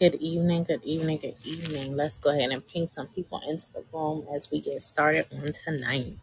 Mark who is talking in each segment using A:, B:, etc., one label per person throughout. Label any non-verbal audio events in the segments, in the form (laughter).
A: Good evening, good evening, good evening. Let's go ahead and ping some people into the room as we get started on tonight.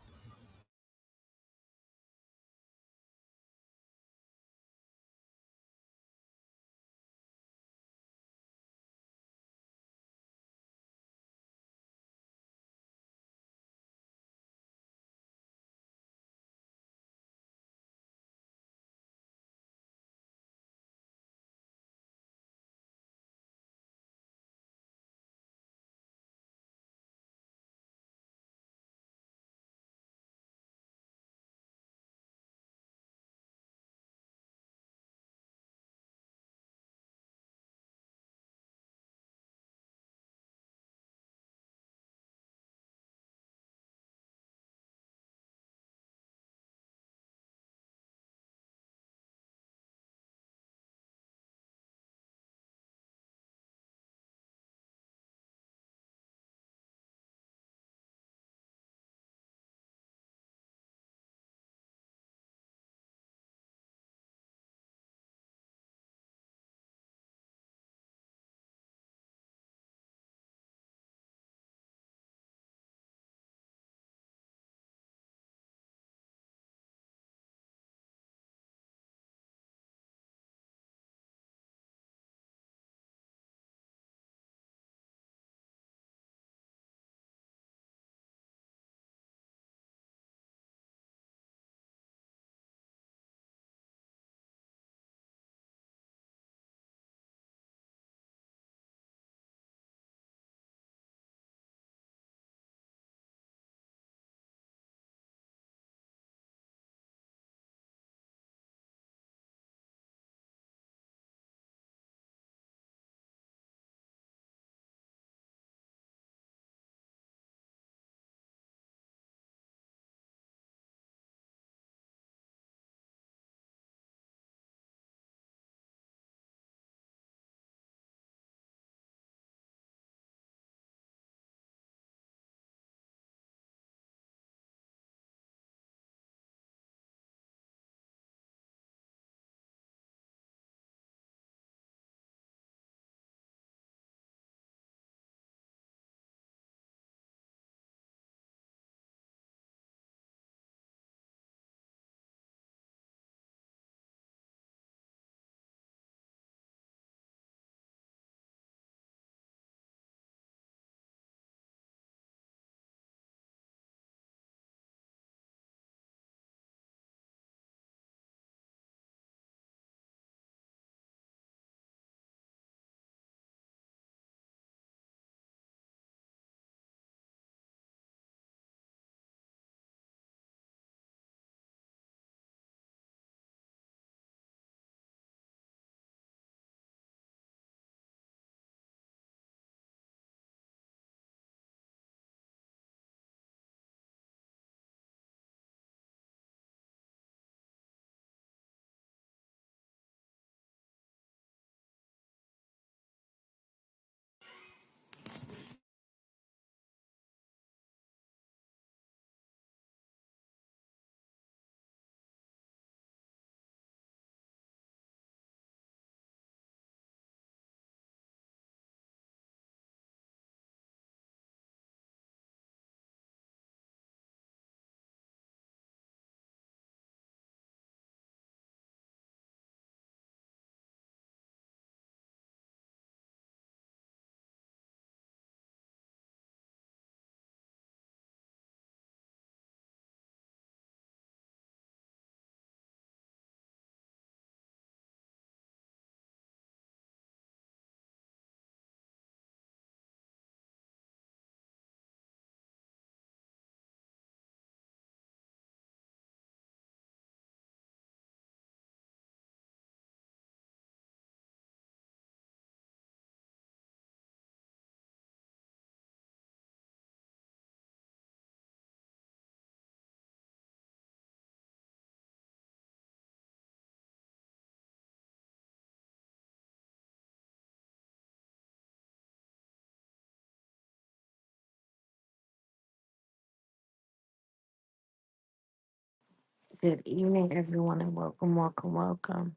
A: Good evening, everyone, and welcome, welcome, welcome.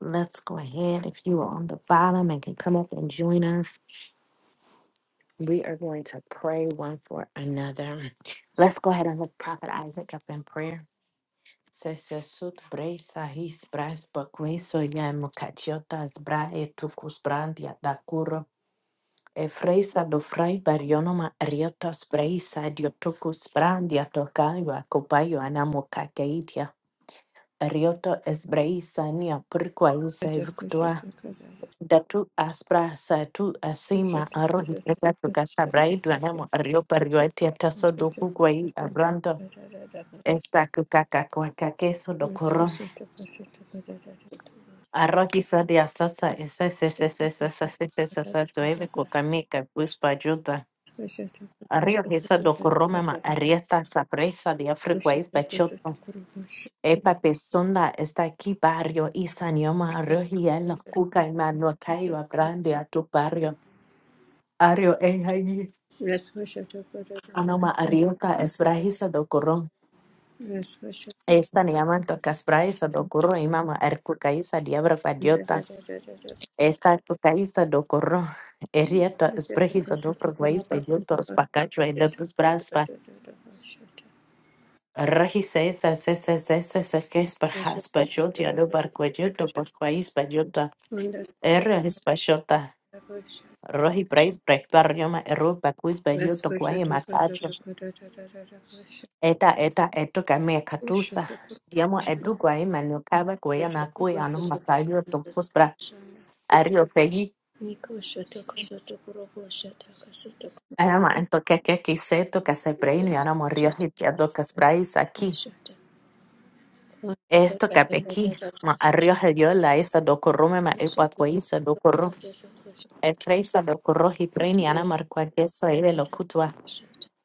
A: Let's go ahead. If you are on the bottom and can come up and join us, we are going to pray one for another. Let's go ahead and lift Prophet Isaac up in prayer. Se se sut brei sahis bras bakwe so ya mukachiotas brae tukus brandia Efreisa do frai barionoma riotos breisa diotokus brandia tokaiwa kopayo anamo kakeidia. Rioto es breisa nia purkwa
B: Yes,
A: isa evictua. Datu aspra sa tu asima aro tu gasa braidu anamo rio perioetia taso doku kwa i abrando. Esta kukaka kwa kakeso dokoro. Arro kisa de asasa esa esa esa esa esa esa esa esa esa esa esa esa esa esa esa esa esa esa esa esa esa esa Rio hisa dokoroma ma arieta sapresa de África es bachoto. Epa pesonda está aquí barrio y sanioma rio hiela kuka y manuakayo grande a tu barrio. Ario es allí. Anoma ariota es brahisa dokoron. Esta ni amanto casbraisa dokoro y mama erkukaisa diabra padiota. Esta kukaisa dokoro.
B: Yes.
A: Erieta es brahisa dokoro guais bayoto es pacacho y de tus bras Rahi says that says that says that says que es para bajota no barcuellito barcuais bajota R es bajota Rohi praise break barrioma erro bacuis bajota guay masacho eta eta eto came catusa Diamo edu guay manocaba guay anacue ano masayo topos para ario pegui Arama ento que que que se toca se preino y ahora morrió hitiado casprais aquí esto que capequi ma arrio yo la esa do corrome ma el barco ahí se do El traisa do corro y preniana marcua queso eve lo cutua.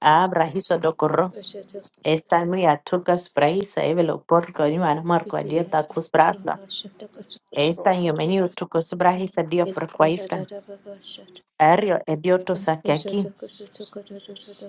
A: Abra hizo do corro.
B: Kashata
A: Esta muy atucas praisa eve lo porco ni ana marcua
B: kashikiri
A: dieta
B: asata
A: cus brasla.
B: kurova shata kasuta
A: Esta
B: kurova
A: en menio
B: shanda
A: tucos brahisa dio
B: kesa
A: por
B: tata
A: perquaista.
B: tata baba shata
A: Ario e dioto saque
B: kashata
A: aquí.
B: kasuta kata tata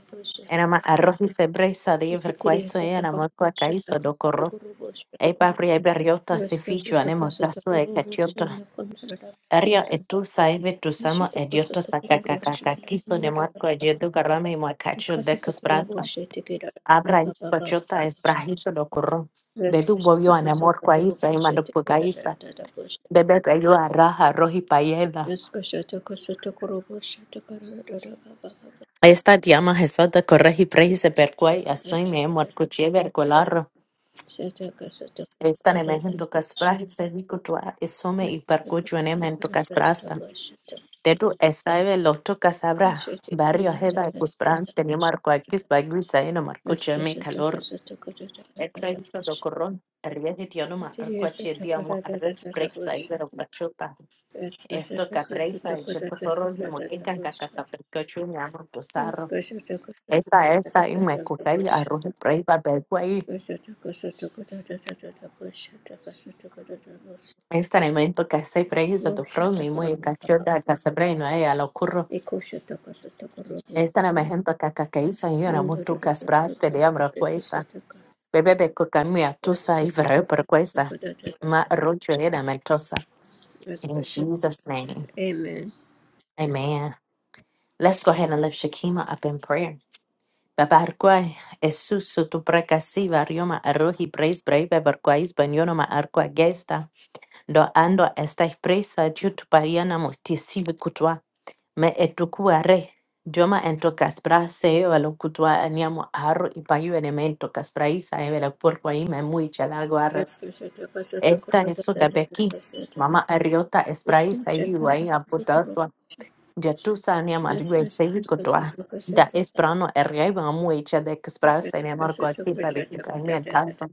A: Era
B: kushata
A: ma arroz y sebreza de
B: isikiri
A: verquaiso e
B: asata
A: ana
B: kurova
A: marcua
B: shata
A: caiso do
B: kasuta
A: corro.
B: kurova shata
A: E papri e berriota se fichu
B: kashata
A: anemo
B: kasuta
A: tasso e
B: kurova
A: caciotto.
B: shanda kondara
A: Ario e tu saeve tu samo
B: ishata
A: e dioto
B: kasuta
A: saca
B: kurova shanda
A: cacacaquiso ne
B: kondara
A: marco e diedu garrame y muacacho de
B: kasuta
A: cus
B: kurova shata kira
A: abra is
B: baba baba
A: pachota es
B: shata
A: brahiso lo corro bedu boyo
B: kashata
A: anamor
B: kasuta
A: kwa isa
B: kurova
A: imando
B: shata
A: puka
B: kira
A: isa
B: tata
A: debe yo a raja rohi payeda
B: Iska shata kasata korobo shata karada da ba ba ba ba.
A: esta llama jesota correji prejise per
B: Shata
A: cuai asoi
B: kasata
A: me amor
B: karada ba.
A: cuchie ver colarro
B: Shata kasata
A: esta ne mejen
B: karada
A: tu
B: da ba.
A: caspraje se rico tua esome y per
B: Shata kasata
A: cucho en emen tu
B: karada da
A: casprasta
B: ba shata.
A: de tu esaive lo tu casabra
B: Shata
A: barrio
B: kenda da
A: heba
B: da da
A: cuspran
B: da.
A: tenía marco aquí baguisa y no marco
B: Iska shata kasata karada da da
A: Ekrehiso
B: ba shata.
A: dokoron, riedi dionuma,
B: Shata
A: erquache
B: shata
A: diomo,
B: karada da
A: arres
B: da da ba
A: brexa
B: shata.
A: ibero machupa.
B: Iska shata
A: Esto capresa,
B: kasata karada
A: echepotoro,
B: da da da da
A: diomoteca,
B: ba
A: cacata,
B: shata.
A: percocho, mi amo, tosarro.
B: Iska shata kasata
A: Esta, esta,
B: karada
A: y me
B: da da da ba
A: cucay,
B: shata.
A: arroje, prey, barbeguay. Este elemento que se prehizo do fro, mi muy cachorda, casabreno, ella lo curro. Este elemento que cacaíza, y una mutucas bras, te diabro, cuesta. Bebe, beco, camia, tusa, y verre, percuesa. Ma, rocho, era, metosa. In
B: Amen.
A: Jesus' name. Amen. Let's go ahead and lift Shakima up in prayer. Babarkwai, esusu tu prekasi varioma arohi praise brave barkwais banionoma arkwa gesta, do ando estai presa jutu pariana motisivi kutwa, me etukua re, dioma ento kaspra seo alo kutwa aniamo arro ipayu elemento kaspraisa evela porkwai me mui chalago arro. Esta esu gabeki, mama ariota espraisa ivi wai Dietusa ne margue sevi kotwa da esprano ergai ba mu echa de express ne marco aquí sabe que también tasa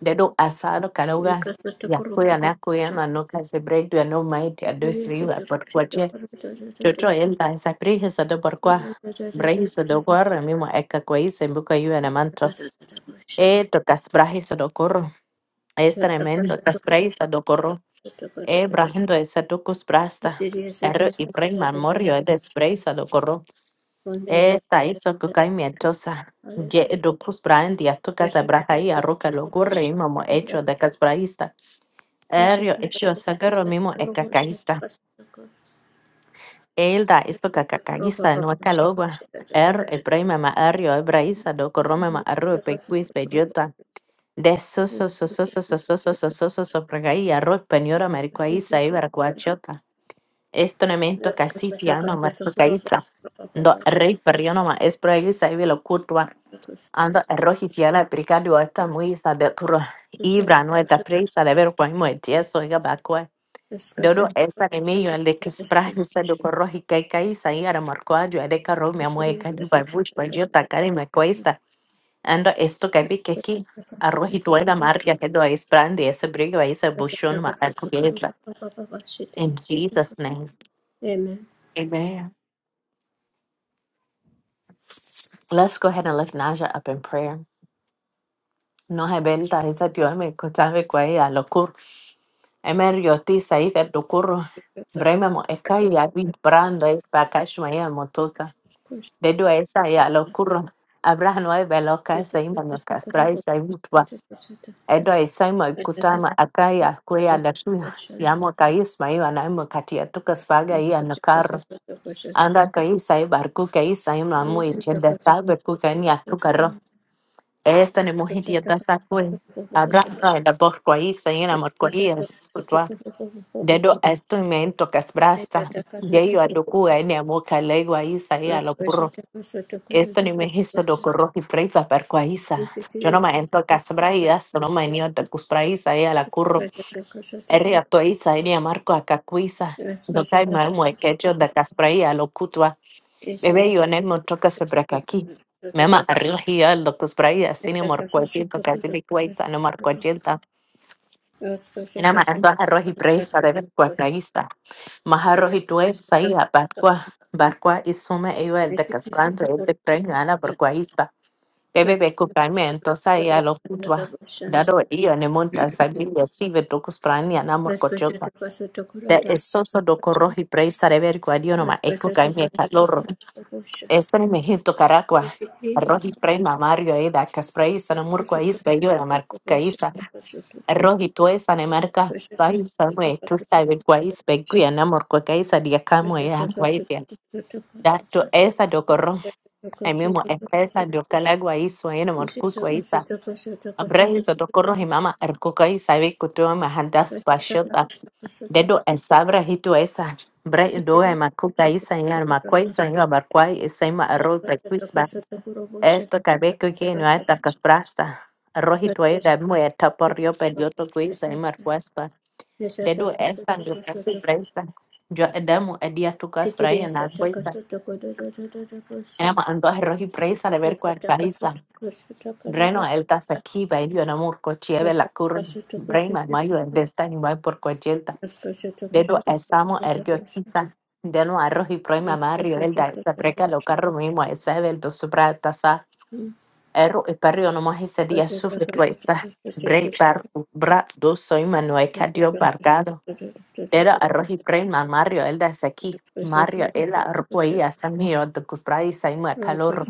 A: de do asado kalauga ya kuya na kuya na no case break do no might
B: Hallelujah.
A: a do
B: Let's
A: sriva por
B: go
A: cuache chocho el da esa prisa do por cua brejiso do corre mismo eka kuis en buca yu en manto e to casbrajiso do corro es tremendo casbrajiso do corro e brajendo esa tocus brasta er y prema morio de espreisa do corro esa hizo que cae mientosa. Ye do cruz brain dia tu casa braja y arroca lo gorre y mamo hecho de casbraísta. Erio hecho sagaro mimo e cacaísta. Elda esto cacacaísta no es calogua. Er el prima ma erio e braísta do corrome ma arro e pequis bellota. De so so so so so so so so so so so so pregaí arro peniora maricuaísta y vercuachota. Esto nemento casi tiano
B: to the
A: maricuaísta. Do
B: castle.
A: rey perriono ma es braísta y velo curtua.
B: Amen.
A: Ando rohi tiara brigadu ata muisa de pro ibra no eta presa de ver poimo etieso iga bakwa. Dodo esa de meio el de que sprahi se do rohi kai kai sa iara marquadio de carro me amo e cali ba bush ba jota kare me cuesta. Ando esto que vi que aquí a rohi tuera marca que do es brandi ese brigo ese bushon ma acubeta. In Jesus name.
B: Amen.
A: Amen. Let's go ahead and lift Naja up in prayer. No hebelta esa tio me kotave kwa ia Emerio tisa ife dokoro brema mo ekai ya bi brando es bakashma ya motota dedo esa ya lokuro abrahan wa belo kasa ima no kasra isa mutwa edo esa ima kutama akai ya kuya lakuna ya mo kaisma ya na mo katia tukas faga ya no karo anda kaisa ya barku kaisa ima mo ejenda sabe kuka ni atukaro esta ni mohiti ya dasa kwe abrahan ya borko isa ina
B: Such
A: motkoria
B: a
A: dedo esto men tokas brasta ye
B: Metatakasoto
A: yo a ene mo kalegwa isa y a
B: Let's
A: lo
B: go to
A: puro
B: the first to Kurada.
A: esto ni me hizo do corro y preiva per qua
B: Let's
A: isa
B: go
A: yo no me entro casbra y no me ni otra cusbra isa a la curro erria to isa eh, ni marco akakuisa do kai ma mo ekecho da casbra ya lo cutua bebé yo ne mo toca sebra kaki mema arriba ya lo cusbra sin amor aquí to casi me cuisa no marco Ina maratwa arroz y presa de berkua praisa. Maharroz y tuesa y barkwa barkwa y suma ello el de castrante el de preño ana barkwa isba. Ebe be kupame entonces ahí a lo putwa. Dado ello ne monta sabilia si ve tocos prani ana morcochota. De esoso do corroz y presa de berkwa dio noma
B: to the
A: ekukame
B: first to
A: calorro.
B: Kurada.
A: Espere me hinto
B: Sutta
A: caracua. Arroz y
B: Nipata
A: prema mario eda caspraisa na murkwa isba yo la marco caisa rohi tuesa ne marca bai sanwe tu sabe kwais beguya na morko kaisa dia kamwe ya kwaisia da tu esa dokoro ai mimo esa dokala gwaiso ene morku kwaisa abrahi so dokoro himama erko kaisa be kutoa mahandas pashota dedo esabra hitu esa bre do ai maku kaisa ina makwaisa ina barkwai esa ima arroz pesquis ba esto cabeco que no hay tacas prasta arroz y tuera muerta por río periodo cuisa y marcuesta dedu esa ndio kasi praisa yo edemu edia tukas praia na praisa
B: 10.1
A: ena ma ando a rohi praisa de
B: Thank
A: ver
B: you.
A: cual praisa Breno el tas aquí va yo na murco chieve la cur brema mayo el desta ni va por cojelta dedu esamo ergio tiza denu arrohi proima mario el da esa preca lo carro mismo esa el do supra tasa erro e perrio no más ese día sufre praisa bre par bra do soy manuel cadio bargado Era arroz preman Mario el de saki Mario el arpoía samio de kusbrai saima calor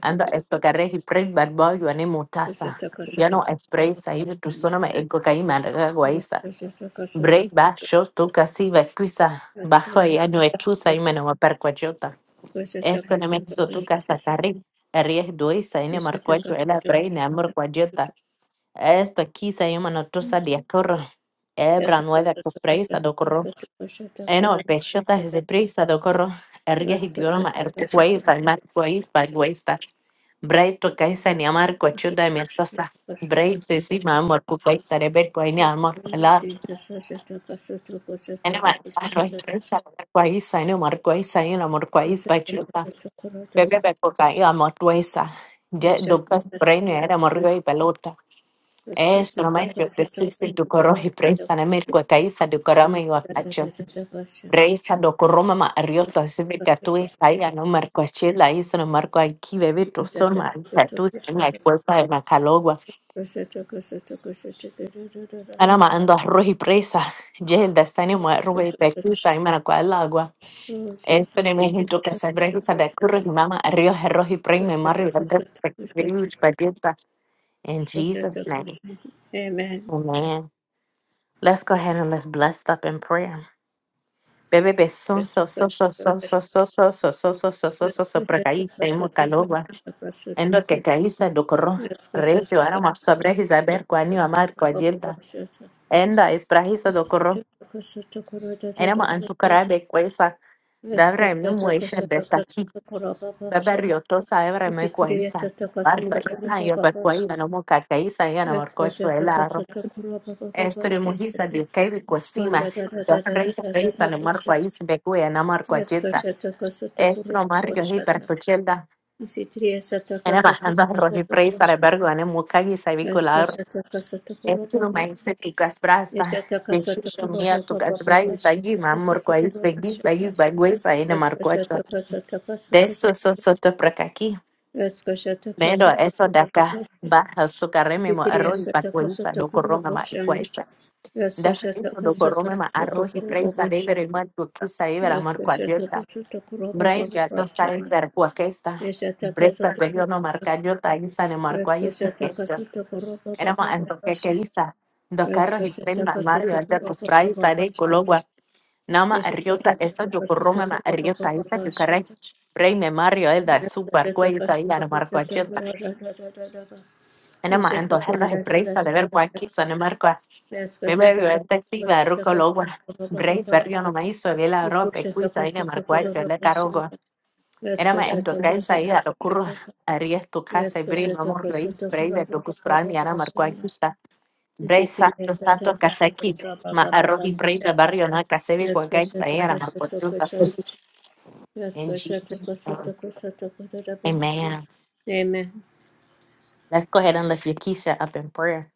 A: anda esto que garehi preman barboyo ane mutasa ya no spray saime tu sonama ego caima daga guaisa brei ba yo tu casi va cuisa bajo ya no etu saima no va percuachota esto no me hizo tu casa carri Ries duisa ine marcuacho era brei ne amor cuajota esto aquí saima no tosa diacorra
B: Yes,
A: Ebra nueva cospraisa eno pecho está ese precio de decoro eres hito normal eres país al más país para el país está braille tocais a niamar cuánto da mi esposa braille es igual marco país sale pero cuál ni alma la no más para el país al marco país a en el marco país para el cuota bebé para el cuál yo amo el país ya doblas braille ni era marico hay pelota es normal yo te siento decoro hispana marco a cuál sale decora me igualación Reisa do coroma ma riota sebe katu isaia no marco achela isa no marco aquí bebe to son ma katu en la cuesta de macalogua ana ma ando arroz y presa yel da stani ma robe pecusa y mara cual agua
B: Oh
A: este
B: Jesus,
A: de México que se brejisa de curro y mama río arroz y prime mario de pecusa paqueta in Jesus name
B: Amen. Amen.
A: amen let's go ahead and let's bless up in prayer Bebe beson so so so so so so so so so so so so so so so Endo kekaisa dokoro. Reti warama sabrehi zaber kwa niwa mar kwa jilda. Enda isprahisa dokoro. Enama antukarabe kwesa. Dabra emimuisha destaki. Beber yotosa ebra me kwaisa. Barrio ita yo per kwaisa no moka ya yana marcocho el arro. Estre mujisa de kevi kwasima.
B: Konda da da
A: yo
B: da da
A: reisa
B: da da
A: reisa
B: da
A: no mar
B: bushata.
A: kwaisa de kuya na mar
B: Esko
A: kwajeta.
B: shata kasata
A: Estro
B: kurubo
A: mario hiper
B: shata.
A: tochelda.
B: Isitriya shata
A: Enama
B: kasata
A: handa
B: kurubo
A: rohi
B: baba
A: preisa
B: shata.
A: rebergo ane mukagi
B: Esko shata kasata kurubo
A: Into
B: baba.
A: my city casbrasta.
B: Eshata kasata
A: Yeshusha
B: kurubo
A: mia tu
B: baba
A: casbrai
B: baba
A: sagi
B: shata
A: ma
B: kasata
A: morquais
B: kurubo
A: begis
B: shata.
A: begis beguis aina
B: Esko
A: marquacho.
B: shata kasata kasata
A: Deso
B: kurubo.
A: so soto prakaki.
B: Esko
A: Mero
B: kasata
A: eso
B: kurubo baba
A: daka. Baja su carreme mo
B: Isitriya
A: arroz pa
B: shata
A: cuenza
B: kasata
A: do corroma
B: kurubo
A: ma
B: shanda.
A: icuesa.
B: Esko
A: Da friso do
B: kasata
A: corrome ma
B: kasata
A: arroz y
B: kurubo
A: presa
B: baba
A: de
B: shata.
A: ver ma tu casa y ver amor cualquiera.
B: kasata kurubo baba
A: Brain ya to en per cuaquesta.
B: Yeshataka
A: Brepa pe
B: sotoko
A: yo no marca
B: sotoko.
A: yo ta isa ne
B: Rasko
A: marquais.
B: shataka sotoko roba
A: Éramos
B: baba
A: en
B: babasha.
A: Boquequeliza, dos carros
B: Rasko
A: y tren
B: shataka
A: al Mario, el
B: sotoko
A: de
B: roba
A: Cusfray,
B: baba
A: Sare,
B: babasha.
A: Cologua, Nama,
B: Yeshataka
A: Arriota, esa yo
B: sotoko
A: corrome, ma
B: sotoko roba
A: Arriota,
B: baba
A: esa yo
B: babasha.
A: carré, Rey, me Mario, el de
B: Rasko
A: Super, Güey,
B: shataka
A: esa y Ana
B: sotoko
A: Marco
B: sotoko
A: Ayota,
B: roba da da da da ba.
A: Éramos en dos
B: Yeshataka
A: carros y
B: da da da
A: presa
B: da
A: de ver
B: ba.
A: Guaki, San Marco,
B: Rasko
A: me bebió
B: shataka
A: el taxi, de Ruco
B: sotoko
A: Logua,
B: sotoko roba
A: Rey,
B: baba
A: Ferrio,
B: baba.
A: no me hizo, vi la
B: Ipo
A: ropa, Cuisa,
B: shataka
A: Ana Marco
B: sotoko
A: Ayota, el
B: roba
A: de
B: basha.
A: Carogo,
B: Rasko
A: Éramos en dos carros y a
B: sotoko
A: lo curro,
B: sotoko.
A: Aries, tu casa, y
B: Rasko
A: Brin, amor, Rey,
B: sotoko
A: Spray, de
B: roba
A: Lucus
B: baba
A: Fran y Ana Marco
B: babasha.
A: Ayota, Bray
B: Isitiya
A: Santo
B: sata
A: Santo
B: kasata
A: Kasaki,
B: praba
A: Ma
B: baba baba
A: Arohi Bray
B: sata.
A: Barrio Na Kasebi
B: Yaska
A: Kwagai
B: sata
A: Sayera
B: kasata
A: Makosuka.
B: kasata.
A: In
B: Yaska sata
A: Jesus' name,
B: kasata kasata kadarabam si.
A: amen.
B: Amen.
A: Let's go ahead and lift your Keisha up in prayer.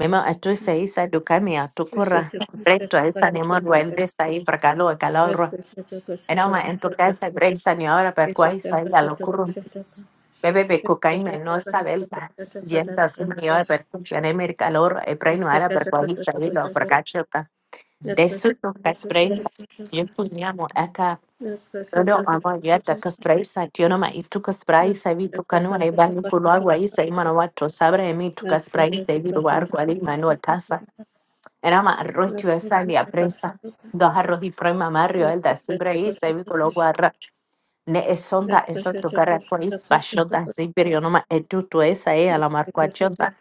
A: Mema atu saisa dukami atukura.
B: Yasata
A: Breto
B: kasata
A: esa ni
B: kasata
A: modu elde
B: kasata.
A: sai prakalo kaloro.
B: Yaska sata kasata
A: Enoma en tu
B: kasata.
A: casa breisa ni ahora per cuai
B: Yasata
A: sai la
B: kasata
A: locura.
B: kasata.
A: Bebe be
B: Yaska
A: cocaína
B: sata
A: no
B: kasata
A: sabelta.
B: kasata
A: Yenda su ni
B: kadarabam
A: ahora
B: si.
A: per cuai en el calor e preino
B: Yaska
A: ara per
B: sata kasata kasata. Yaska sata kasata kasata. Yaska sata
A: cuai
B: kasata
A: sai lo
B: kasata.
A: prakachio Desuto kaspray yekunyamu aka dodo amo yata kaspray sa tiono ma itu kaspray sa vitu kanu
B: Yaska
A: na
B: sata
A: ibani
B: kasata
A: kulwagu wa isa
B: kasata.
A: imana watu sabra emi tu
B: Let's
A: kaspray sa
B: go,
A: vitu wargu ali manu atasa enama arrochu esa li apresa dos arroz y prema mario el da sabra isa vitu lo guarra Ne esonda esonto karakwa ispashonda e edutu esa e la alamarkwachonda.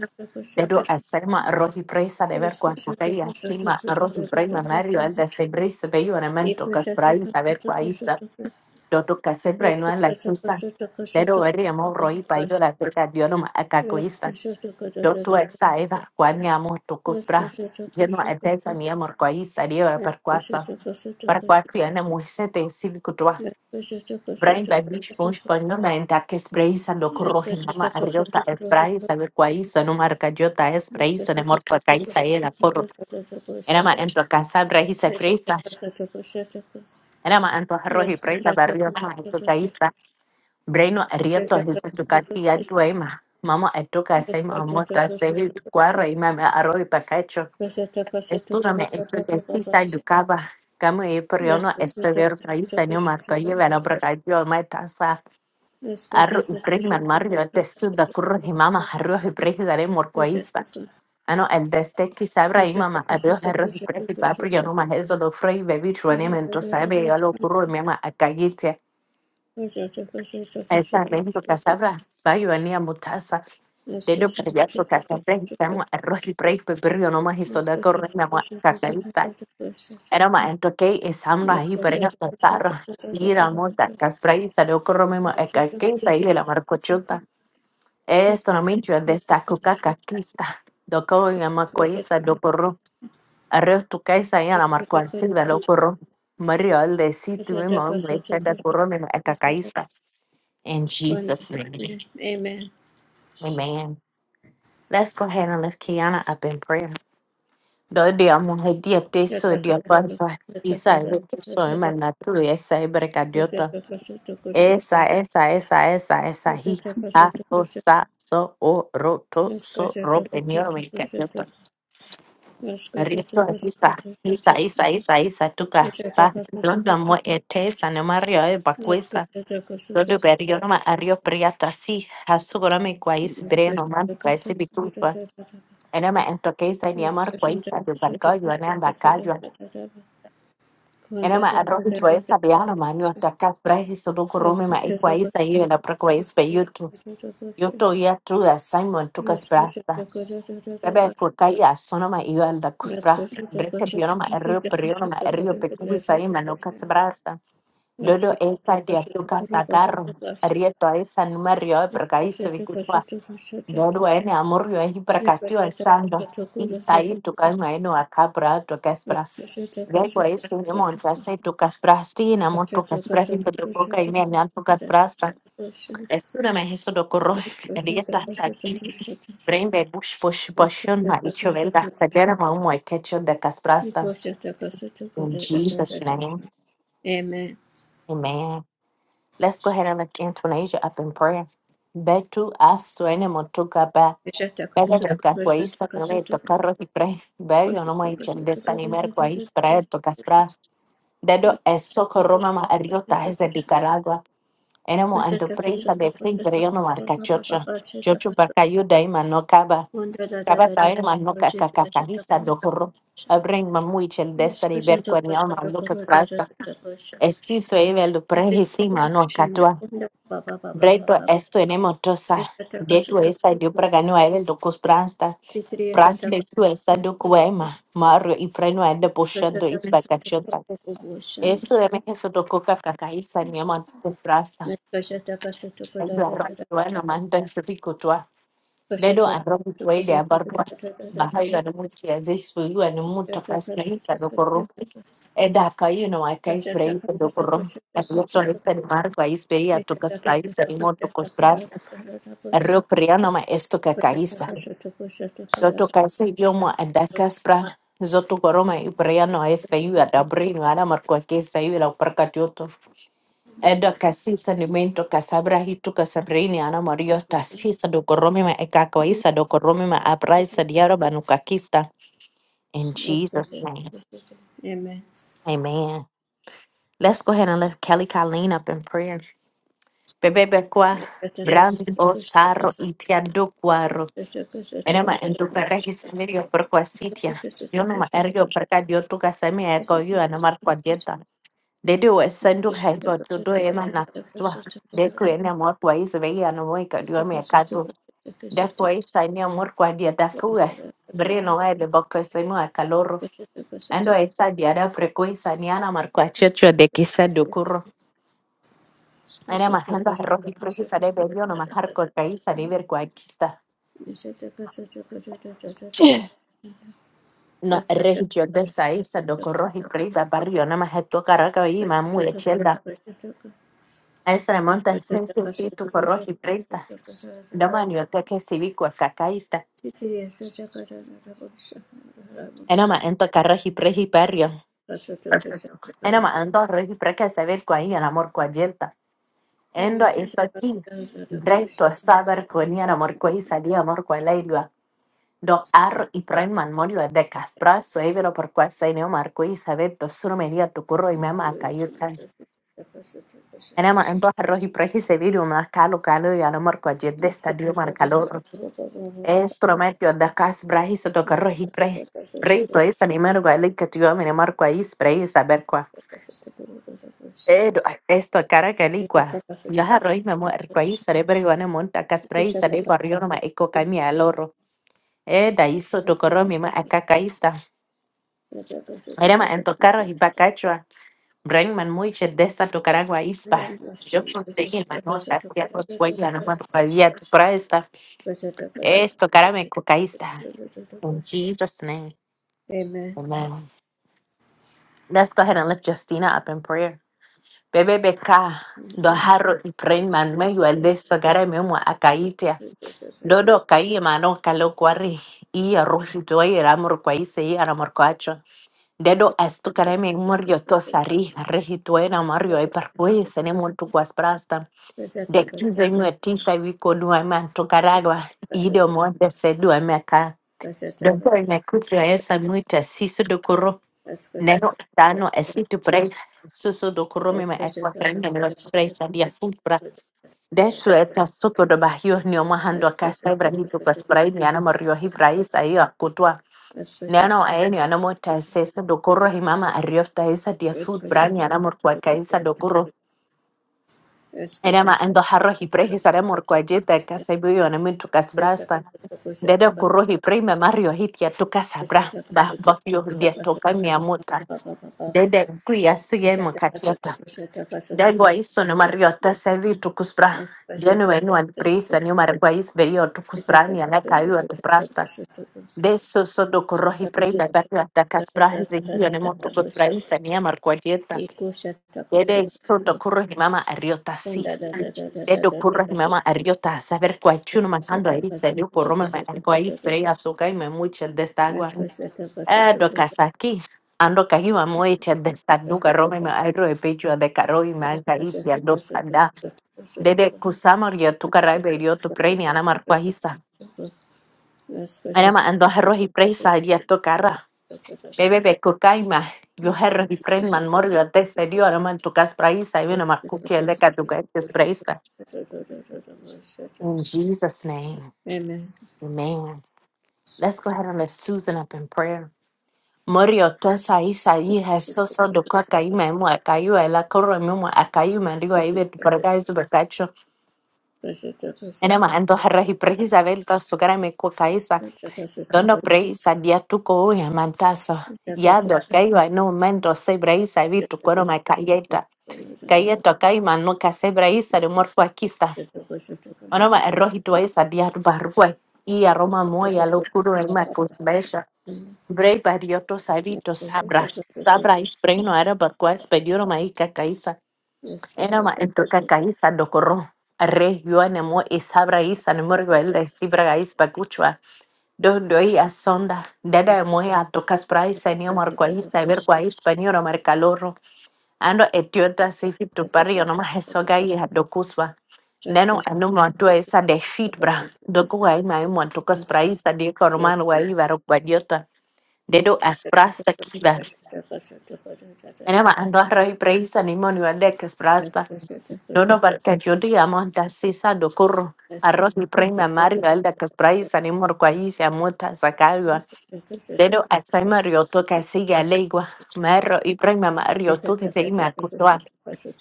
A: Dedo asema rohi presa de ver cuacutei asima rohi prema mario el de sebris bello elemento casprai saber cuaisa dodo casebra y no en la tusa. Dedo veri amo rohi payo la tuca dionoma acacoista. Dodo esa eva cuani amo tu cuspra. Lleno esa ni amor cuaisa dio per cuatro Per cuasi ene muisete silcutua. Brain babish bush parlamenta que es breisa
B: Yes,
A: lo corroje mama arriota es breisa ver cuaiza no marca jota es breisa de morto caiza era corro era ma en tu casa breisa freisa era ma en tu arroji breisa barrio ma en tu caiza breino arriota es tu caqui aduema mama en tu casa y mamá está se vi cuarro y mama arroji pacacho estúrame me hecho que si sa educaba Kamu e periono estever praisa no marca lleva la bracayo ma tasa Rey Marmario, el da curro y mama, arroz y prey daré morcoíspa. Ano, el deste que sabra y mama, arroz, arroz y prey papri, yo no más eso lo frey, bebí chuanimiento, sabe, yo lo curro y mama a callite. Esa rey que sabra, va yo venía mutaza.
B: Let's go to
A: Dedo para allá,
B: the
A: porque
B: question,
A: hacen rey,
B: to the question.
A: arroz y prey, pero yo no más hizo
B: Let's
A: da
B: go to
A: correr,
B: the
A: mi amor,
B: question, to
A: cacaísta. Era más, entonces, es hambre ahí, para pero ella
B: the question,
A: pasar.
B: to the question.
A: Mira, amor, casfray, salió corro, mi amor, a
B: Let's go to the
A: cacaísta
B: question,
A: y
B: to the
A: la marcochota. Estona minchwa
B: question,
A: desta
B: to the
A: kukaka
B: question.
A: kista. Doko ya
B: Let's go to
A: makoisa dokoro. Arreo tu kaisa ya la
B: the
A: marcoan silva lokoro. Mario al de situ that
B: question,
A: porro da korone cacaista. In Jesus'
B: to the
A: name.
B: question. Amen.
A: Amen. Let's go ahead and lift Kiana up in prayer. Do dia muhe dia teso dia parpa. Isa evento so imana tulu esa ebreka diota. Esa, esa, esa, esa, esa hi. Ha, ho, sa, so, o, ro, to, so, ro, penio, Richo isa isa isa isa isa
B: Yes,
A: tuka pa londo mo etesa No mario e bakwesa londo berio no ma ario priata si Hasugo no me kwaisi breno man kwaisi bikufa ene ma ento keisa ni amar kwaisa de barka yo na anda kajo ene ma arro to esa biano ma ni otaka frehi solo korome ma e kwaisa yo na pra kwaisa pe yo tu ya tu a simon tuka sprasta Bebe kurka ya sono ma iyo alda kusbra. Breke biono ma errio periono ma errio pecuvi sai ma no casbrasta. Dodo esta dia tuca sacarro. Rieto a esa numerio perca y se vicutua. Dodo ene amorrio e hipercatio el
B: Rikashata
A: sando.
B: kasata
A: Y
B: kushata
A: sai tu calma eno a cabra tu casbra.
B: rikashata
A: Luego es
B: kasata kushata
A: que me
B: rikashata
A: montas y tu casbraste y enamo tu casbraste y
B: kasata
A: me lo coca
B: kushata
A: y me anam tu casbrasta.
B: rikashata
A: Espérame eso do corro.
B: kasata
A: (laughs)
B: kushata rikashata
A: Rietas
B: kasata kushata
A: aquí. Freimbebus Fushboshuna Ishovel Daxagera Ketchup the Kasprasta.
B: rikashata kasata
A: In
B: kushata.
A: Jesus' name.
B: Amen.
A: Amen. Let's go ahead and lift Antonasia up in prayer. Betu astu ene motuka ba.
B: Rikashata
A: Bebe de
B: kasata kushata
A: kakwais nome
B: kasata
A: to carro y pre. Berio no
B: kushata kasata kushata. Rikashata
A: mai
B: kasata
A: desanimer kwais prae to kaspra. Dedo es socorro mama arriota es de Nicaragua. Enemo
B: kushata kasata
A: anto
B: kushata
A: prensa de fin pero yo no marca chocho.
B: kasata
A: Chocho para
B: kushata.
A: cayuda y manocaba.
B: One two three four
A: Kabata hermano
B: five six seven eight
A: kakakakahisa
B: nine
A: dokoro. Abreng mamui chel
B: ten
A: desta de
B: eleven
A: ver
B: twelve
A: cuernia
B: thirteen fourteen
A: mando kas
B: fifteen
A: prasta. Esti sueve lo prehisi mano katua. Breto esto enemo tosa. Getu esa dio pragano evel do kus prasta. Prasta de tu esa do cuema. Mario y freno ende pushando is bakachota. Esto
B: sixteen
A: de mejeso do coca kakahisa niaman kus prasta.
B: seventeen
A: Ay, Bueno, mando en su pico Lero anrobi kwaidi abarwa bahayo anemutia zesu yu anemuta kaspraisa dokoro eda kayuno akaispraisa dokoro
B: eighteen nineteen
A: Erloto
B: twenty.
A: ese marco ahí espería
B: Amen.
A: tu caspraisa y moto cospras rio priano ma esto que caísa yo to caise yo mo anda caspra zoto coroma y priano es feyu adabrino ara marco que se yu la percatioto Edo kasisa ni mento kasabra hitu kasabreni ana mario tasisa dokoromi ma ekakaisa dokoromi ma abraisa diaro banukakista. In Jesus' name, amen. Let's go ahead and lift Kelly Colleen up in prayer. Bebe bekwa brandi osaro itiando kwaro. Enema entukara hisamirio perquasitia. Yo no ma ergo perca dio tu kasami eko yo ana Dede wa sandu haiba dodo ema na twa. De krene mor kwa isa vegi anu moika diwa me kadu. De kwa isa ni amor kwa dia dakuwe. Breno wa de boko semu a kaloro. Ando esa dia da frecuencia ni ana mar kwa checho de kisa dokuro.
B: Thank
A: Ana majando a roji profisa de bello no majar kwa kaisa de ver kwa kista. No,
B: you.
A: región de Saiza, Docorros y Prisa, Barrio, nada más esto Caracas y Mamu de Chelda. Esa de Monta, sí, sí, sí, tu Corros y Prisa. Domani peke sibikua kakaista. Enoma ento karraji preji perrio. Enoma ento reji preke saber kwa i el amor kwa yelta. Endo esto aquí. Recto saber kwa ni el amor kwa i salí amor kwa leilua. Do arro y pren man morio de caspra suevero por kwa se neo marco y saber to suro media tu curro y mema a cayur tan. Enoma ento arroji preji se viru más calo calo y el amor kwa yelta estadio marcalor. instrumento da cas brahis do
B: Amen.
A: carro hitre reito es animar gua le que tío me mar gua is brei saber qua edo esto cara que li qua ya harro me muer gua is sare bre gua monta cas brei sare barrio no ma eco cami al oro e da iso to corro mi ma acá caista era ma en to carro y bacachua brain man muy che de esta to cara ispa yo conseguí la nota, fui a por fuera, no me valía tu presta. Esto, cara, me cocaísta. In Jesus' name. Amen. Let's go ahead and lift Justina up in prayer. Bebe beka doharo y pren man me yo el me mo akaitia. Dodo kai mano kalo kwari i rohi toi ramor kwai se i ramor kwacho. Dedo estu kare me morio tosari rehi toi na morio e per kwai se ne montu kwas prasta. De kuse nyu etisa wiko nua man tokaragwa i de mo de se dua meka. Dodo me kutia esa muita siso do Nero
B: Rascachet,
A: dano esitu prei susu dokurumi me ekwa krenye milo prei sadia fulpra. Deshu eta suko do bahio ni omahando akasa ibra hitu kwa spray ni anamo rio hivra isa iyo akutua. Neno
B: Rascachet,
A: aeni anamo taesesa dokuro himama ariofta isa dia fulpra ni ana kwa kaisa dokuro. Enama endo harro hiprei hisaramor kwa jeta kasa biyo ana mintu kasbrasta. Dede kurohi prei me mario hitia tukasabra. Bah bakio dia toka miamuta. dede kui asuye mukatiota dagwa iso no mariota sevi tukuspra jenu enu and prisa ni margwa is verio tukuspra ni anaka yu at prasta deso so do korohi prenda barra ta kaspra henzi yu ne mo tukuspra isa ni margwa dieta dede so do korohi mama ariota si dedo korohi mama ariota saber kwa chuno matando a itse ni koroma ma argwa is veria so kai me mucho el destagua Adoka saki andoka hiwa moecha de sanduka rome me airo e pecho de karoi me ankaritia dosada dede kusama ria tu karaibe rio tu preni ana marqua hisa ana ma ando herro hi presa ria tu kara bebe be kukaima yo herro hi fren man morio de serio ana man tu kas praisa y una marcuki eleka tu ka praisa in Jesus name amen let's go ahead and lift Susan up in prayer Morio tu esa isa yi heso so do kwa ka ime mu aka yu ela koro mi mu aka yu me ligo ibe tu
B: Amen.
A: perga isu berkacho
B: Yes,
A: ene ma ando herra hi precisa vel ta su me ko ka dono preisa dia tu ko ya mantaso ya do ka yu no momento se breisa vi tu coro ma ka yeta ka yeto no ka se breisa de morfo akista ono ma erro tu isa dia tu barwe i aroma mo ya lo kuro ma ko Bray barioto savito sabra. Sabra is brei no era barco es pedioro mai cacaísa. Era ma ento cacaísa do corro. Re yo anemo y sabra is anemo el de sibra gais bacuchua. Do doi a sonda. Dada moe a tocas brai senio marcualiza ver guais panioro marcaloro. Ando etiota sifito pario no más eso gai a docusva. Neno anu mantua esa de fit bra. Doku gai mai mantucas brai sa de corman guai barco barioto. Dedo asprasta kiba. Ena ma ando arroi preisa ni moni wande kasprasta. Nono barka jodi amonta sisa dokuru. Arroz y prima Mario Alda Caspraisa ni Morcuaísia Muta Sacagua. Dedo a Chaima Rioto Casiga Legua. Marro y prima Mario Toque Jaima Cutua.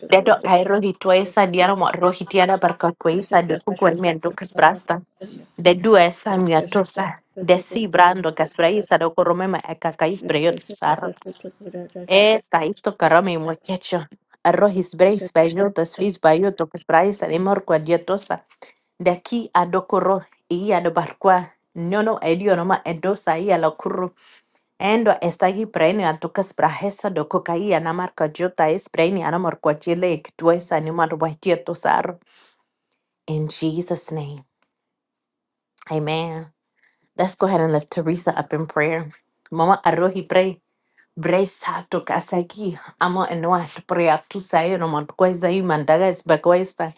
A: Dedo a Rojituesa Diana Rojitiana Barcacuisa de Cucuamiento Casprasta.
B: Thank
A: De due Samia Tosa. De si Sibrando Caspraisa do Coromema Ecacais Preyot Esta isto karame mwakecho. Arroz isbreis bayotas fis bayoto kasprais animor kwa dietosa. Daki adokoro iya do barkwa. Nyono edio noma edosa iya lokuru. Endo estagi preni antukas brahesa do kokaia namar kwa jota es preni anamor kwa chile ikituesa animor wa dietosar. In Jesus' name. Amen. Let's go ahead and lift Teresa up in prayer. Mama Arohi pray. Bresa tukasaki ama enwa prea tu sayo no man kweza i mandaga is bakwesta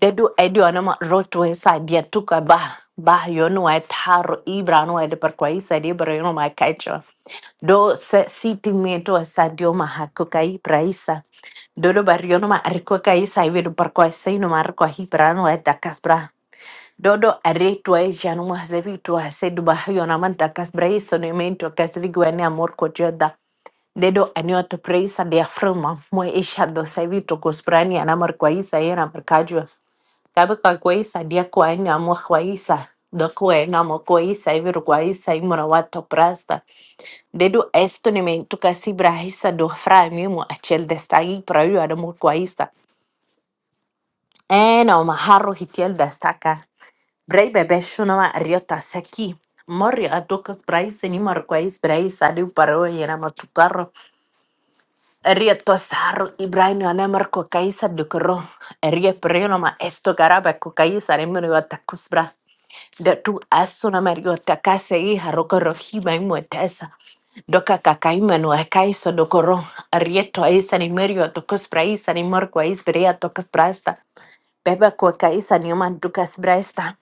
A: dedu edu anama rotwe sa dia tuka ba ba yonu wa taro ibrano ed per kwaisa di bro yono ma kaicho do se siti meto asadio ma hakoka i praisa dodo barrio no ma arikoka i sa ibedo per kwaisa no mar kwa hibrano ed dakasbra dodo aretwa e janu ma zevi tu asedu ba yona man dakasbra iso ne mento kasvi gwen amor ko dedo aniota praisa de afrma mo isha do savito cosprani ana marquaisa era marcajua cabe caquaisa dia coaina mo quaisa do coena mo coisa e verguaisa e morawato prasta dedo estonimento casi brahisa do fra mimo achel destagi para eu era marquaisa é não marro hitiel destaca brei bebê chama riota seki Morri a tocas braisa ni marquais braisa de paro e era matucar Erie tosar Ibrahim anemar ko kaisa dukro. Erie preno ma esto garaba ko kaisa remero atakusbra. De tu aso na mario takase i haroko rohima imwetesa. Doka kakaima no akaiso dokoro. Erie to aisa ni merio atakusbra isa ni marko aisbrea tokusbrasta. Beba ko kaisa ni man takusbra esta.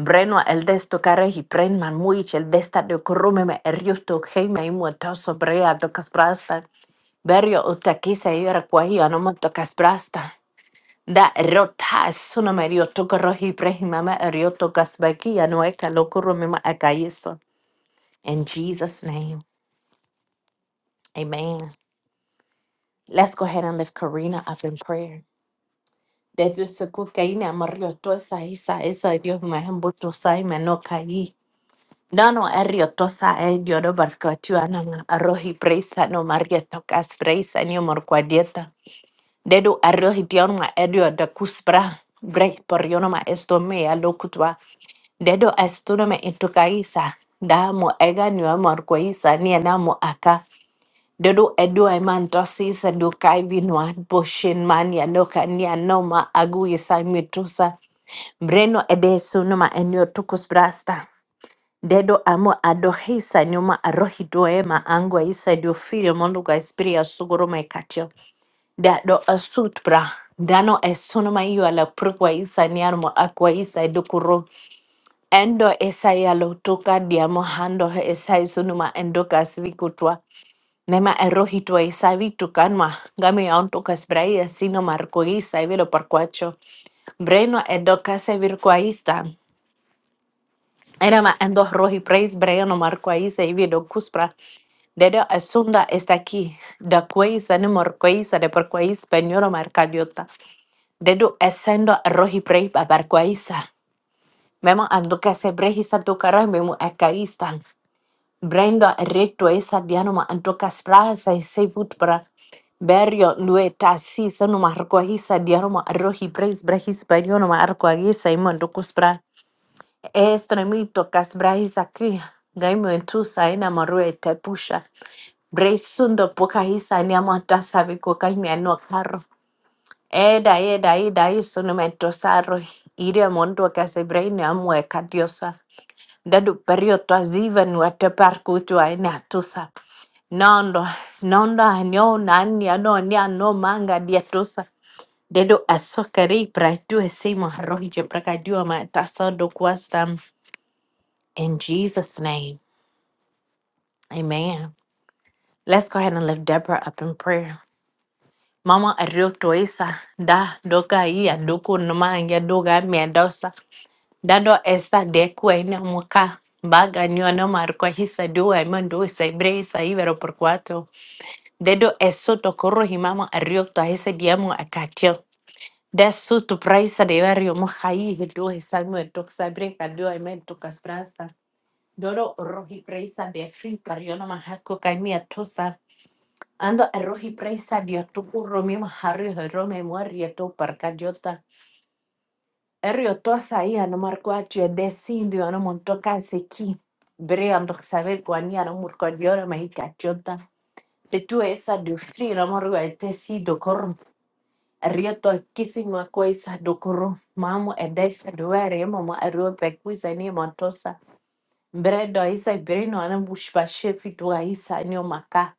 A: Breno el desto care hi prenman muich el desta de corrume me eriosto heima imwetaso brea takusbra esta. Berio utakisa yora kwa hiyo anamoto kasbrasta. Da rota suna merio toko rohi prehi mama erio tokas baki anueka lokuro mima akayiso. In Jesus' name, amen. Let's go ahead and lift Karina up in prayer. Desde su cocaína amarillo tosa isa esa Dios me embuto sai me no caí. No no erio tosa e Dios no barco tu anama arrohi presa no maria tocas presa ni amor cuadieta. dedu arrio hitionu ma edio da kuspra brek poriono ma estome ya lokutwa dedo astuno me intukaisa da mo ega niwa morkoisa ni e na mo aka dedo edu eman tosisa do kai vinwa boshin man ya loka ni no ma agu isa mitusa breno edesu no ma enyo tukus brasta dedo amo adohisa nyuma arohidoe ma angwa isa dio filio mondu ga espiria suguru maikatio. da do asutbra dano e sonoma io alla procua isa niarmo acqua isa e docuro endo esai allo toca diamo hando he esai sonoma endo casvicutua nema errojito esai vitucanma gami anto casbraia sino marco isa e velo parquacho breno e doca se virqua isa Erama endo rohi preis breiano marco isa e vedo cuspra dedo asunda está aquí, da queisa ne morqueisa de porqueis penhora marcadiota dedu esendo rohi brei babarquaisa memo andoka se brehisa dokara memo akaista brendo reto esa dianoma andoka sprasa se vutbra berio nue tasi sanuma arquahisa dianoma rohi breis brehis berionoma arquahisa imandokus bra estremito kas brahisa ki gaimo entusa ina marue tepusha breisundo pokahisa niamata saviko kaimia no carro. Eda, eda, eda, isso no metro sarro. Iria mondo che se brain amue cadiosa. Dadu periodo aziva nu ate parcutu ainatusa. Nondo, nondo anio nani ano nia no manga diatusa. Dedo asokari praitu esimo rohije prakadua matasado kwastam. In Jesus' name, amen. Let's go ahead and lift Deborah up in prayer. Mama arioto isa da doka iya doku numa ya doga miadosa. dado esa de cuena muka baga nyona marco hisa dua mando isa ibre isa ibero por cuatro dedo eso to corro himama arrio to hisa diamo akatio de su tu praisa de barrio mojai do hisa mu to sabre kadio men to kasprasta doro rohi praisa de free pariono mahako kaimia tosa ando rohi praisa de tu curro mi mahario rome muaria to parcayota Eriotosa iya no markwatio decidio no montoka seki. Brea ndo saber kuania no murkodiora mahika chota. Te tu esa de fri no marwa tesi do korum. Erioto kisingwa kwa esa do korum. Mamo edesa do were mama erio pekuisa ni montosa. Bredo isa brino ana bushba shefi tua isa ni maka.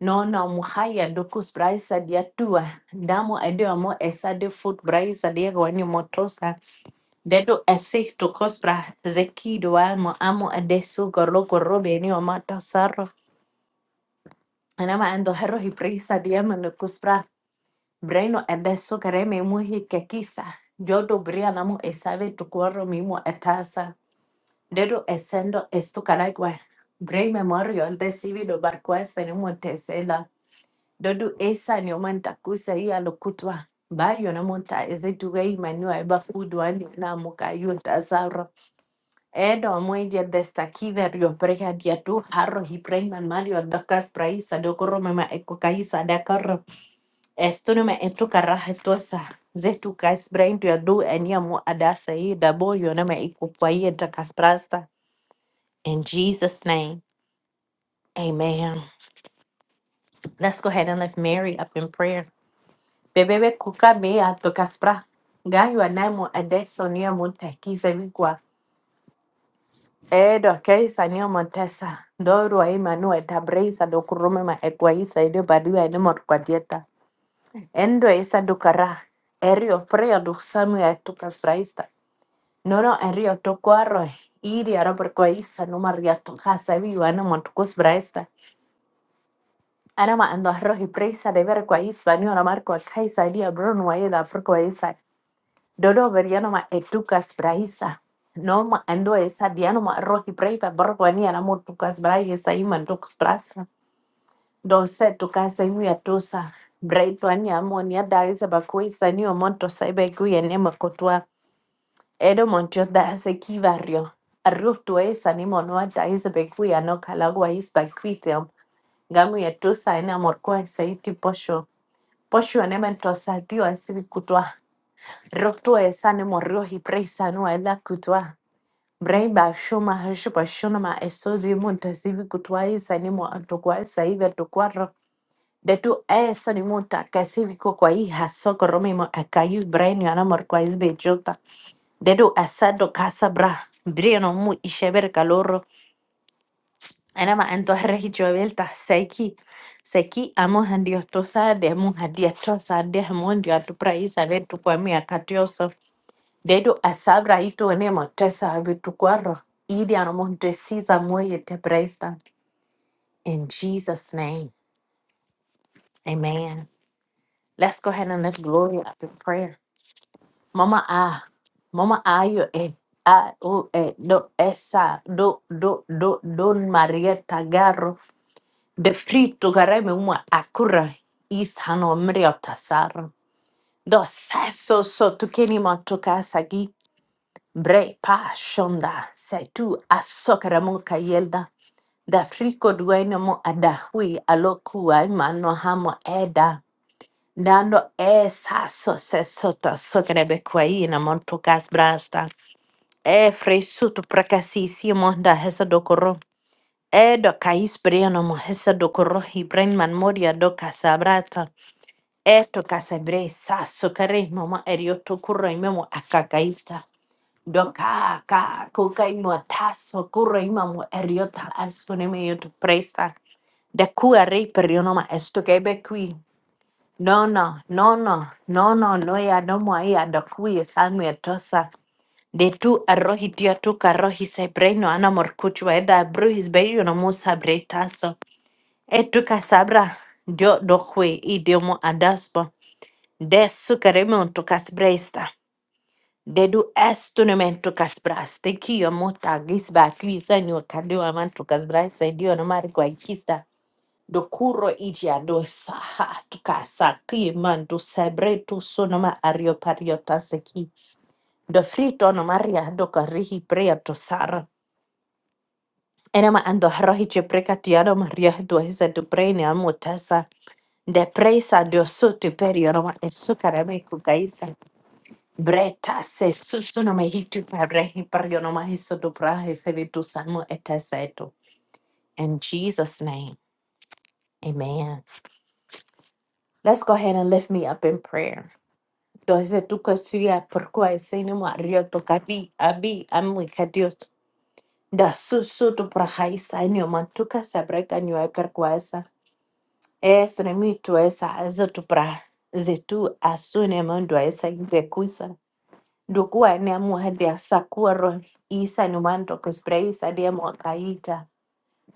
A: Nona muhaya dokus braisa dia tua. Ndamo adeo mo esa de foot braisa dia gwani motosa. Dedo assisto cospra zeki amo amo adesso gorlo gorro beni o mata sarro. Anama ando herro hi prisa diamo no cospra breno adesso careme muhi que quizá. Yo dobría namo e sabe tu cuerpo mimo etasa. Dedo essendo esto caragua. Brei memorio al decibido barquesa en un tesela. Dodo esa ni omanta kusa i alokutwa. Bayo na monta eze tuwe imanua eba fudu ani na muka yu Edo mwenje desta kiver yo preka dia tu harro hi preman mario dakas praisa do korome ma eko kaisa da karro estuno ma etu karaha tosa zetu kas brain to do enia mo adasa i da boyo na ma eko kwaye dakas prasta in Jesus name amen let's go ahead and lift Mary up in prayer bebebe kuka me ato kaspra ganyo anamo adesonia mo takisa Edo keisa ni omotesa ndoru waimanu wetabreisa dokurumema ekwaisa idio badiwa edimot kwadieta endo isa dukara erio prio dusamu ya tukas braista nono erio tokuaro iri arabor kwaisa numaria tukasa viwa no montukus braista anama ando arrohi preisa de ver kwaisa ni ona marco kaisa dia brun waida por kwaisa dodo berianoma edukas brahisa noma ando esa dianoma rohi braiba borwani anamo tukas braia saiman tukas brasa do se tukas saimu ya tusa braito ani amo ni adaisa bakui sani o monto saiba kuya nema kotwa edo montio da se kivario arrio tu esa ni mono adaisa bekuya no kalagwa is bakuitem gamu ya tusa ena morkwa saiti posho posho nema tosa dio asiri kutwa Roto e sane morio hi presa no ela kutwa. Braiba shuma hashupa shunama esozi munta sivi kutwa e sane mo antokwa saive tokwaro. De tu e sane munta kasivi kokwa i hasoko romimo akayu brainio anamor kwa isbe jota. De tu asado casa bra. Briano mu isheber calorro. Anama anto rehicho velta seiki. Seki amo handiotosa de mu handiotosa de mu ndio atupra isabe tukwamia katioso. Dedo asabra ito ene motesa abitukwaro. Idi anomontesiza moye tebresta. In Jesus' name, amen. Let's go ahead and lift glory up in prayer. Mama ah, mama ayo e a o e do esa do do do don Maria Tagaro de frito gareme uma akura is hanomri otasara. Do seso so tukeni matokasagi Bre pa shonda setu asokaramuka yelda da friko duenemo adahui alokua imano hamo eda dando esa sose soto sokrebe kwaina montukas brasta e freisutu prakasisi monda hesa dokoro e do kais brianomo hesa dokoro hibren man moria do kasabrata esto kasabre sa sokaremo erioto kurro imemo akakaista doka ka kukai muataso kurei mamu eriota asune meio tu presta de cua rei per io noma esto che be qui no no no no no no no ya no moia da qui sangue e tosa de tu arrohi tia tu carrohi se breno ana morcucho e da bruhis beio no musa breitaso e tu casabra dio do qui idiomo adaspo de sucaremo tu casbresta Dedu estu mentu kasbras. Te kio mota gisba kvisa ni wakadua mantu kasbras. Saidio na mari kwa ikista. Do kuro iji ado saha tukasa ki do sebre tu sonoma ario pariota seki. Do frito no maria do karihi prea to sara. Enema ando harohi che precatiado maria do hisa do prene amotesa. De presa do sote perio roma et sukarame Breta se susuna mehitu parehi pariona hiso dobrahe sevitu samu etaseto. In Jesus' name, amen. Let's go ahead and lift me up in prayer. Doze tu kasuya porkua esene mo arioto kabi abi amu ikadiot. Da susu tu prahaisa enio mantuka sabreka nyo eperkuasa. Es remitu esa azotu pra. Zetu asune mandu esa ibekusa. Ndokuwa nemuhadhia sakuoro isa numando kusbra isa dia mwakaita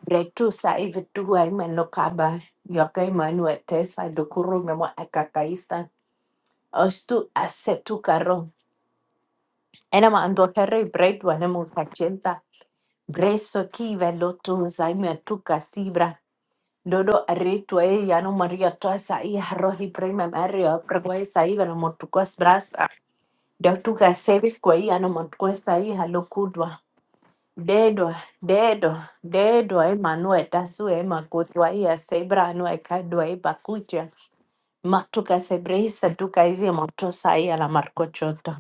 A: bretusa ivituwa ima nokaba yoka ima nuetesa dokuru memo akakaisa ostu asetu karo ena ma ando herre bread wane mo facenta breso ki velotu zaime tu kasibra dodo arretu e yano maria tosa i rohi prima mario pragwai saiva no motukos brasa Deu tu gasevi kwa i ano motukos sai halokudwa Dedwa, dedwa, dedwa emanue tasue emakutwa ia sebra nue kadua ipakutia. Matuka sebreisa duka izi motosa ia la marcochota.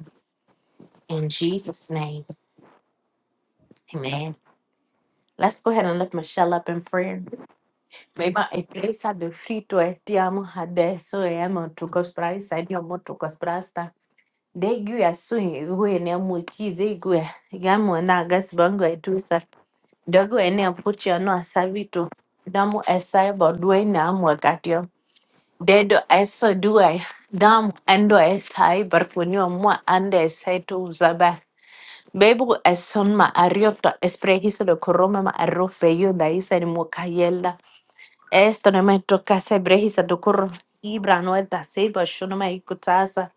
A: In Jesus' name, amen. Let's go ahead and lift Michelle up in prayer. Mema epresa de frito etiamo hadeso emo tukos praisa edio motukos prasta. Degu ya sui gue ne mukize gue. Gamu na gas bongo Dɔ'ɔ ɛne apokyɛ no asa bi to dam ɛsae bɔdoɛ nyinaa mu akateɛ. Dɛdɔ ɛsɔ duai dam ɛndɔ ɛsae barponi mu andɛ ɛsae to uzaba. Bebu ɛson ma arriotto esprehiso de corrome ma arrofe io da isa ni mukayella. Esto ne metto case brehisa do corro. Ibra no eta seba shono ma ikutasa.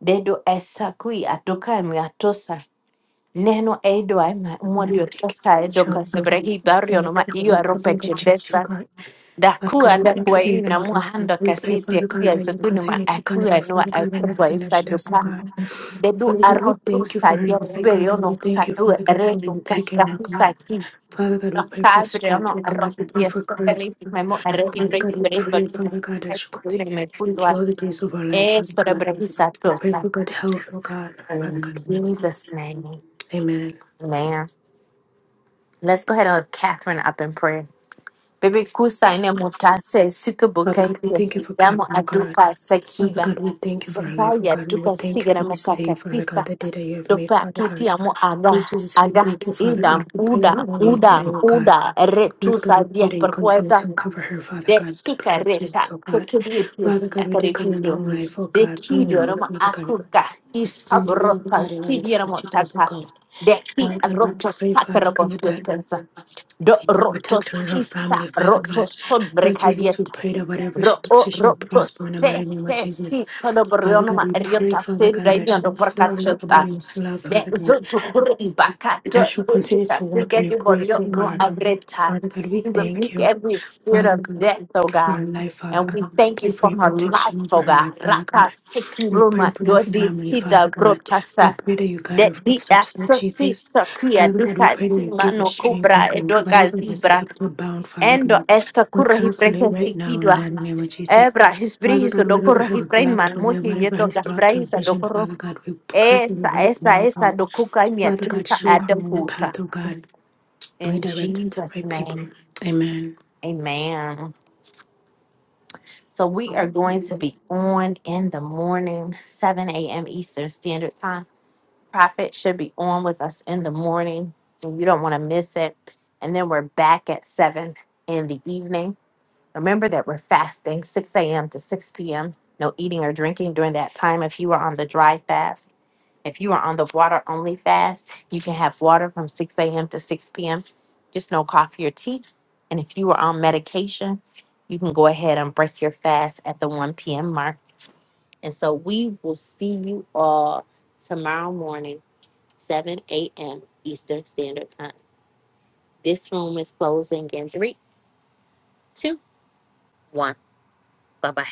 A: Dedo esa kui atoka mi atosa. neno edwa ma
C: Father, we
A: mwondi
C: thank you
A: otosa
C: for your
A: edo
C: Shelby
A: kasebrehi barrio.
C: and your
A: no ma iyo
C: covenant, the
A: arope
C: blood of Jesus, oh
A: chidesa
C: God. Father God,
A: dakua
C: we thank you
A: dakua
C: for your
A: ii na mua
C: daughter.
A: hando
C: We pray,
A: kaseti
C: Father God,
A: akuya
C: that you
A: zugunu ma
C: continue to guide
A: akuya
C: her, Father
A: nua
C: God, in
A: akubwa
C: everything that
A: isa
C: she does, oh
A: duka
C: God.
A: dedu
C: Father God, we
A: arotu
C: thank you for
A: sa
C: her,
A: dio
C: oh God,
A: perio
C: and we
A: no
C: thank you,
A: sadu
C: Father God, for when
A: aretu
C: you taking her, now,
A: kasrahusa
C: God.
A: ki
C: Father God, we
A: no
C: pray for
A: kabre
C: strength,
A: ono
C: oh God. We
A: arotu
C: pray
A: kia
C: for courage,
A: sotani
C: oh God.
A: memo arehi
C: Father
A: brehi
C: God, we
A: brehi
C: pray,
A: batu
C: Father God, that you
A: kasudune
C: continue to
A: me
C: seek
A: kutwa
C: you all the days of our life,
A: e
C: Father
A: sora
C: God.
A: brehi sato
C: We pray
A: sa tosa
C: for good health, oh God. Father
A: in
C: God,
A: Jesus name
C: amen.
A: man. Let's go ahead and lift Catherine up in prayer. Baby kusa ine mutase
C: Father
A: sukubukete
C: God, we thank you for
A: yamo
C: Catherine, oh God.
A: adupa
C: Father
A: sekiba
C: God, we thank you for our
A: dopa
C: life, oh
A: ya
C: God. We
A: dupa
C: thank you
A: sigara
C: for this day,
A: mukaka
C: Father God,
A: kisa
C: the day that you have made,
A: dopa
C: Father
A: kiti
C: God.
A: yamo aga
C: Lord Jesus, we
A: aga
C: thank you, Father
A: idam
C: God, for bringing
A: uda
C: her on here today,
A: uda
C: oh God.
A: uda
C: Father God,
A: retusa
C: we
A: dia
C: pray that you continue
A: perkuada
C: to cover her, Father
A: de
C: God, the blood of
A: sukareta
C: Jesus, oh God.
A: kokibiyo
C: Father God, we declare a
A: sakaribikyo
C: long life, oh
A: de
C: God, long
A: kido
C: health,
A: rama
C: Father God,
A: akuka
C: prosperity,
A: isabro
C: Father
A: pa
C: God, in everything
A: sidiera
C: that she does, oh
A: motaka
C: God.
A: de ki
C: Father God, we
A: roto
C: pray, Father God,
A: sakarabontu
C: that.
A: do
C: Thank you, protect
A: rotos
C: her and her
A: fisa
C: family, Father
A: rotos
C: God.
A: sod
C: Lord
A: brekadia
C: Jesus, we pray that whatever she
A: Ro
C: does,
A: o
C: she
A: ro
C: shall
A: to
C: prosper in the
A: se
C: mighty name of
A: se si
C: Jesus.
A: sono
C: Father
A: borriono
C: God,
A: ma
C: we pray,
A: riota
C: Father
A: se
C: God, that
A: raimiondo
C: she'll
A: porca
C: fill your
A: ciota.
C: abundance, love,
A: De
C: Father God
A: zoto burro in baccato
C: that you
A: zoto
C: continue
A: da
C: to
A: se
C: walk in your
A: gedi
C: grace,
A: borio
C: oh
A: no
C: God.
A: avreta.
C: Father God, we
A: We
C: thank
A: rebuke
C: you.
A: every spirit
C: Father
A: of
C: God, we
A: death,
C: thank
A: oh
C: you for
A: God.
C: her life, Father
A: And we
C: God. We
A: thank you
C: pray for
A: for
C: your
A: her life,
C: protection over
A: oh
C: her
A: God.
C: life, Father
A: Rapa
C: God. We pray
A: sekuruma
C: for her
A: do di
C: family,
A: sida
C: Father God. We
A: brotasa.
C: pray that you guide
A: De
C: her
A: di
C: footsteps, Lord
A: aso si
C: Jesus.
A: sakria
C: Father God, we
A: duka
C: pray that you give her
A: simano
C: strength, oh
A: kubra
C: God. Whatever
A: edoga
C: has
A: zibra.
C: kept her bound, Father
A: Endo
C: God,
A: esta
C: we
A: curra hi
C: cancel it right
A: si
C: now in the
A: kidwa.
C: mighty name of Jesus.
A: Ebra his
C: Father
A: bris do
C: God, whatever
A: curra hi
C: has blocked
A: brainman
C: her way,
A: muhi
C: whatever
A: yeto
C: has
A: gas
C: blocked her
A: do
C: vision,
A: curro.
C: Father God, we cancel it
A: Esa
C: right
A: esa
C: now,
A: esa
C: God.
A: do kuka mi
C: Father God,
A: atusa
C: show her
A: adam
C: the
A: puta.
C: path, oh God.
A: In
C: Redirect her to the
A: Jesus
C: right people.
A: name.
C: Amen.
A: Amen. So we are going to be on in the morning, 7 a.m. Eastern Standard Time. Prophet should be on with us in the morning. and You don't want to miss it. And then we're back at 7 in the evening. Remember that we're fasting 6 a.m. to 6 p.m. No eating or drinking during that time. If you are on the dry fast, if you are on the water only fast, you can have water from 6 a.m. to 6 p.m. Just no coffee or tea. And if you are on medication, you can go ahead and break your fast at the 1 p.m. mark. And so we will see you all tomorrow morning, 7 a.m. Eastern Standard Time. This room is closing in three, two, one. Bye bye.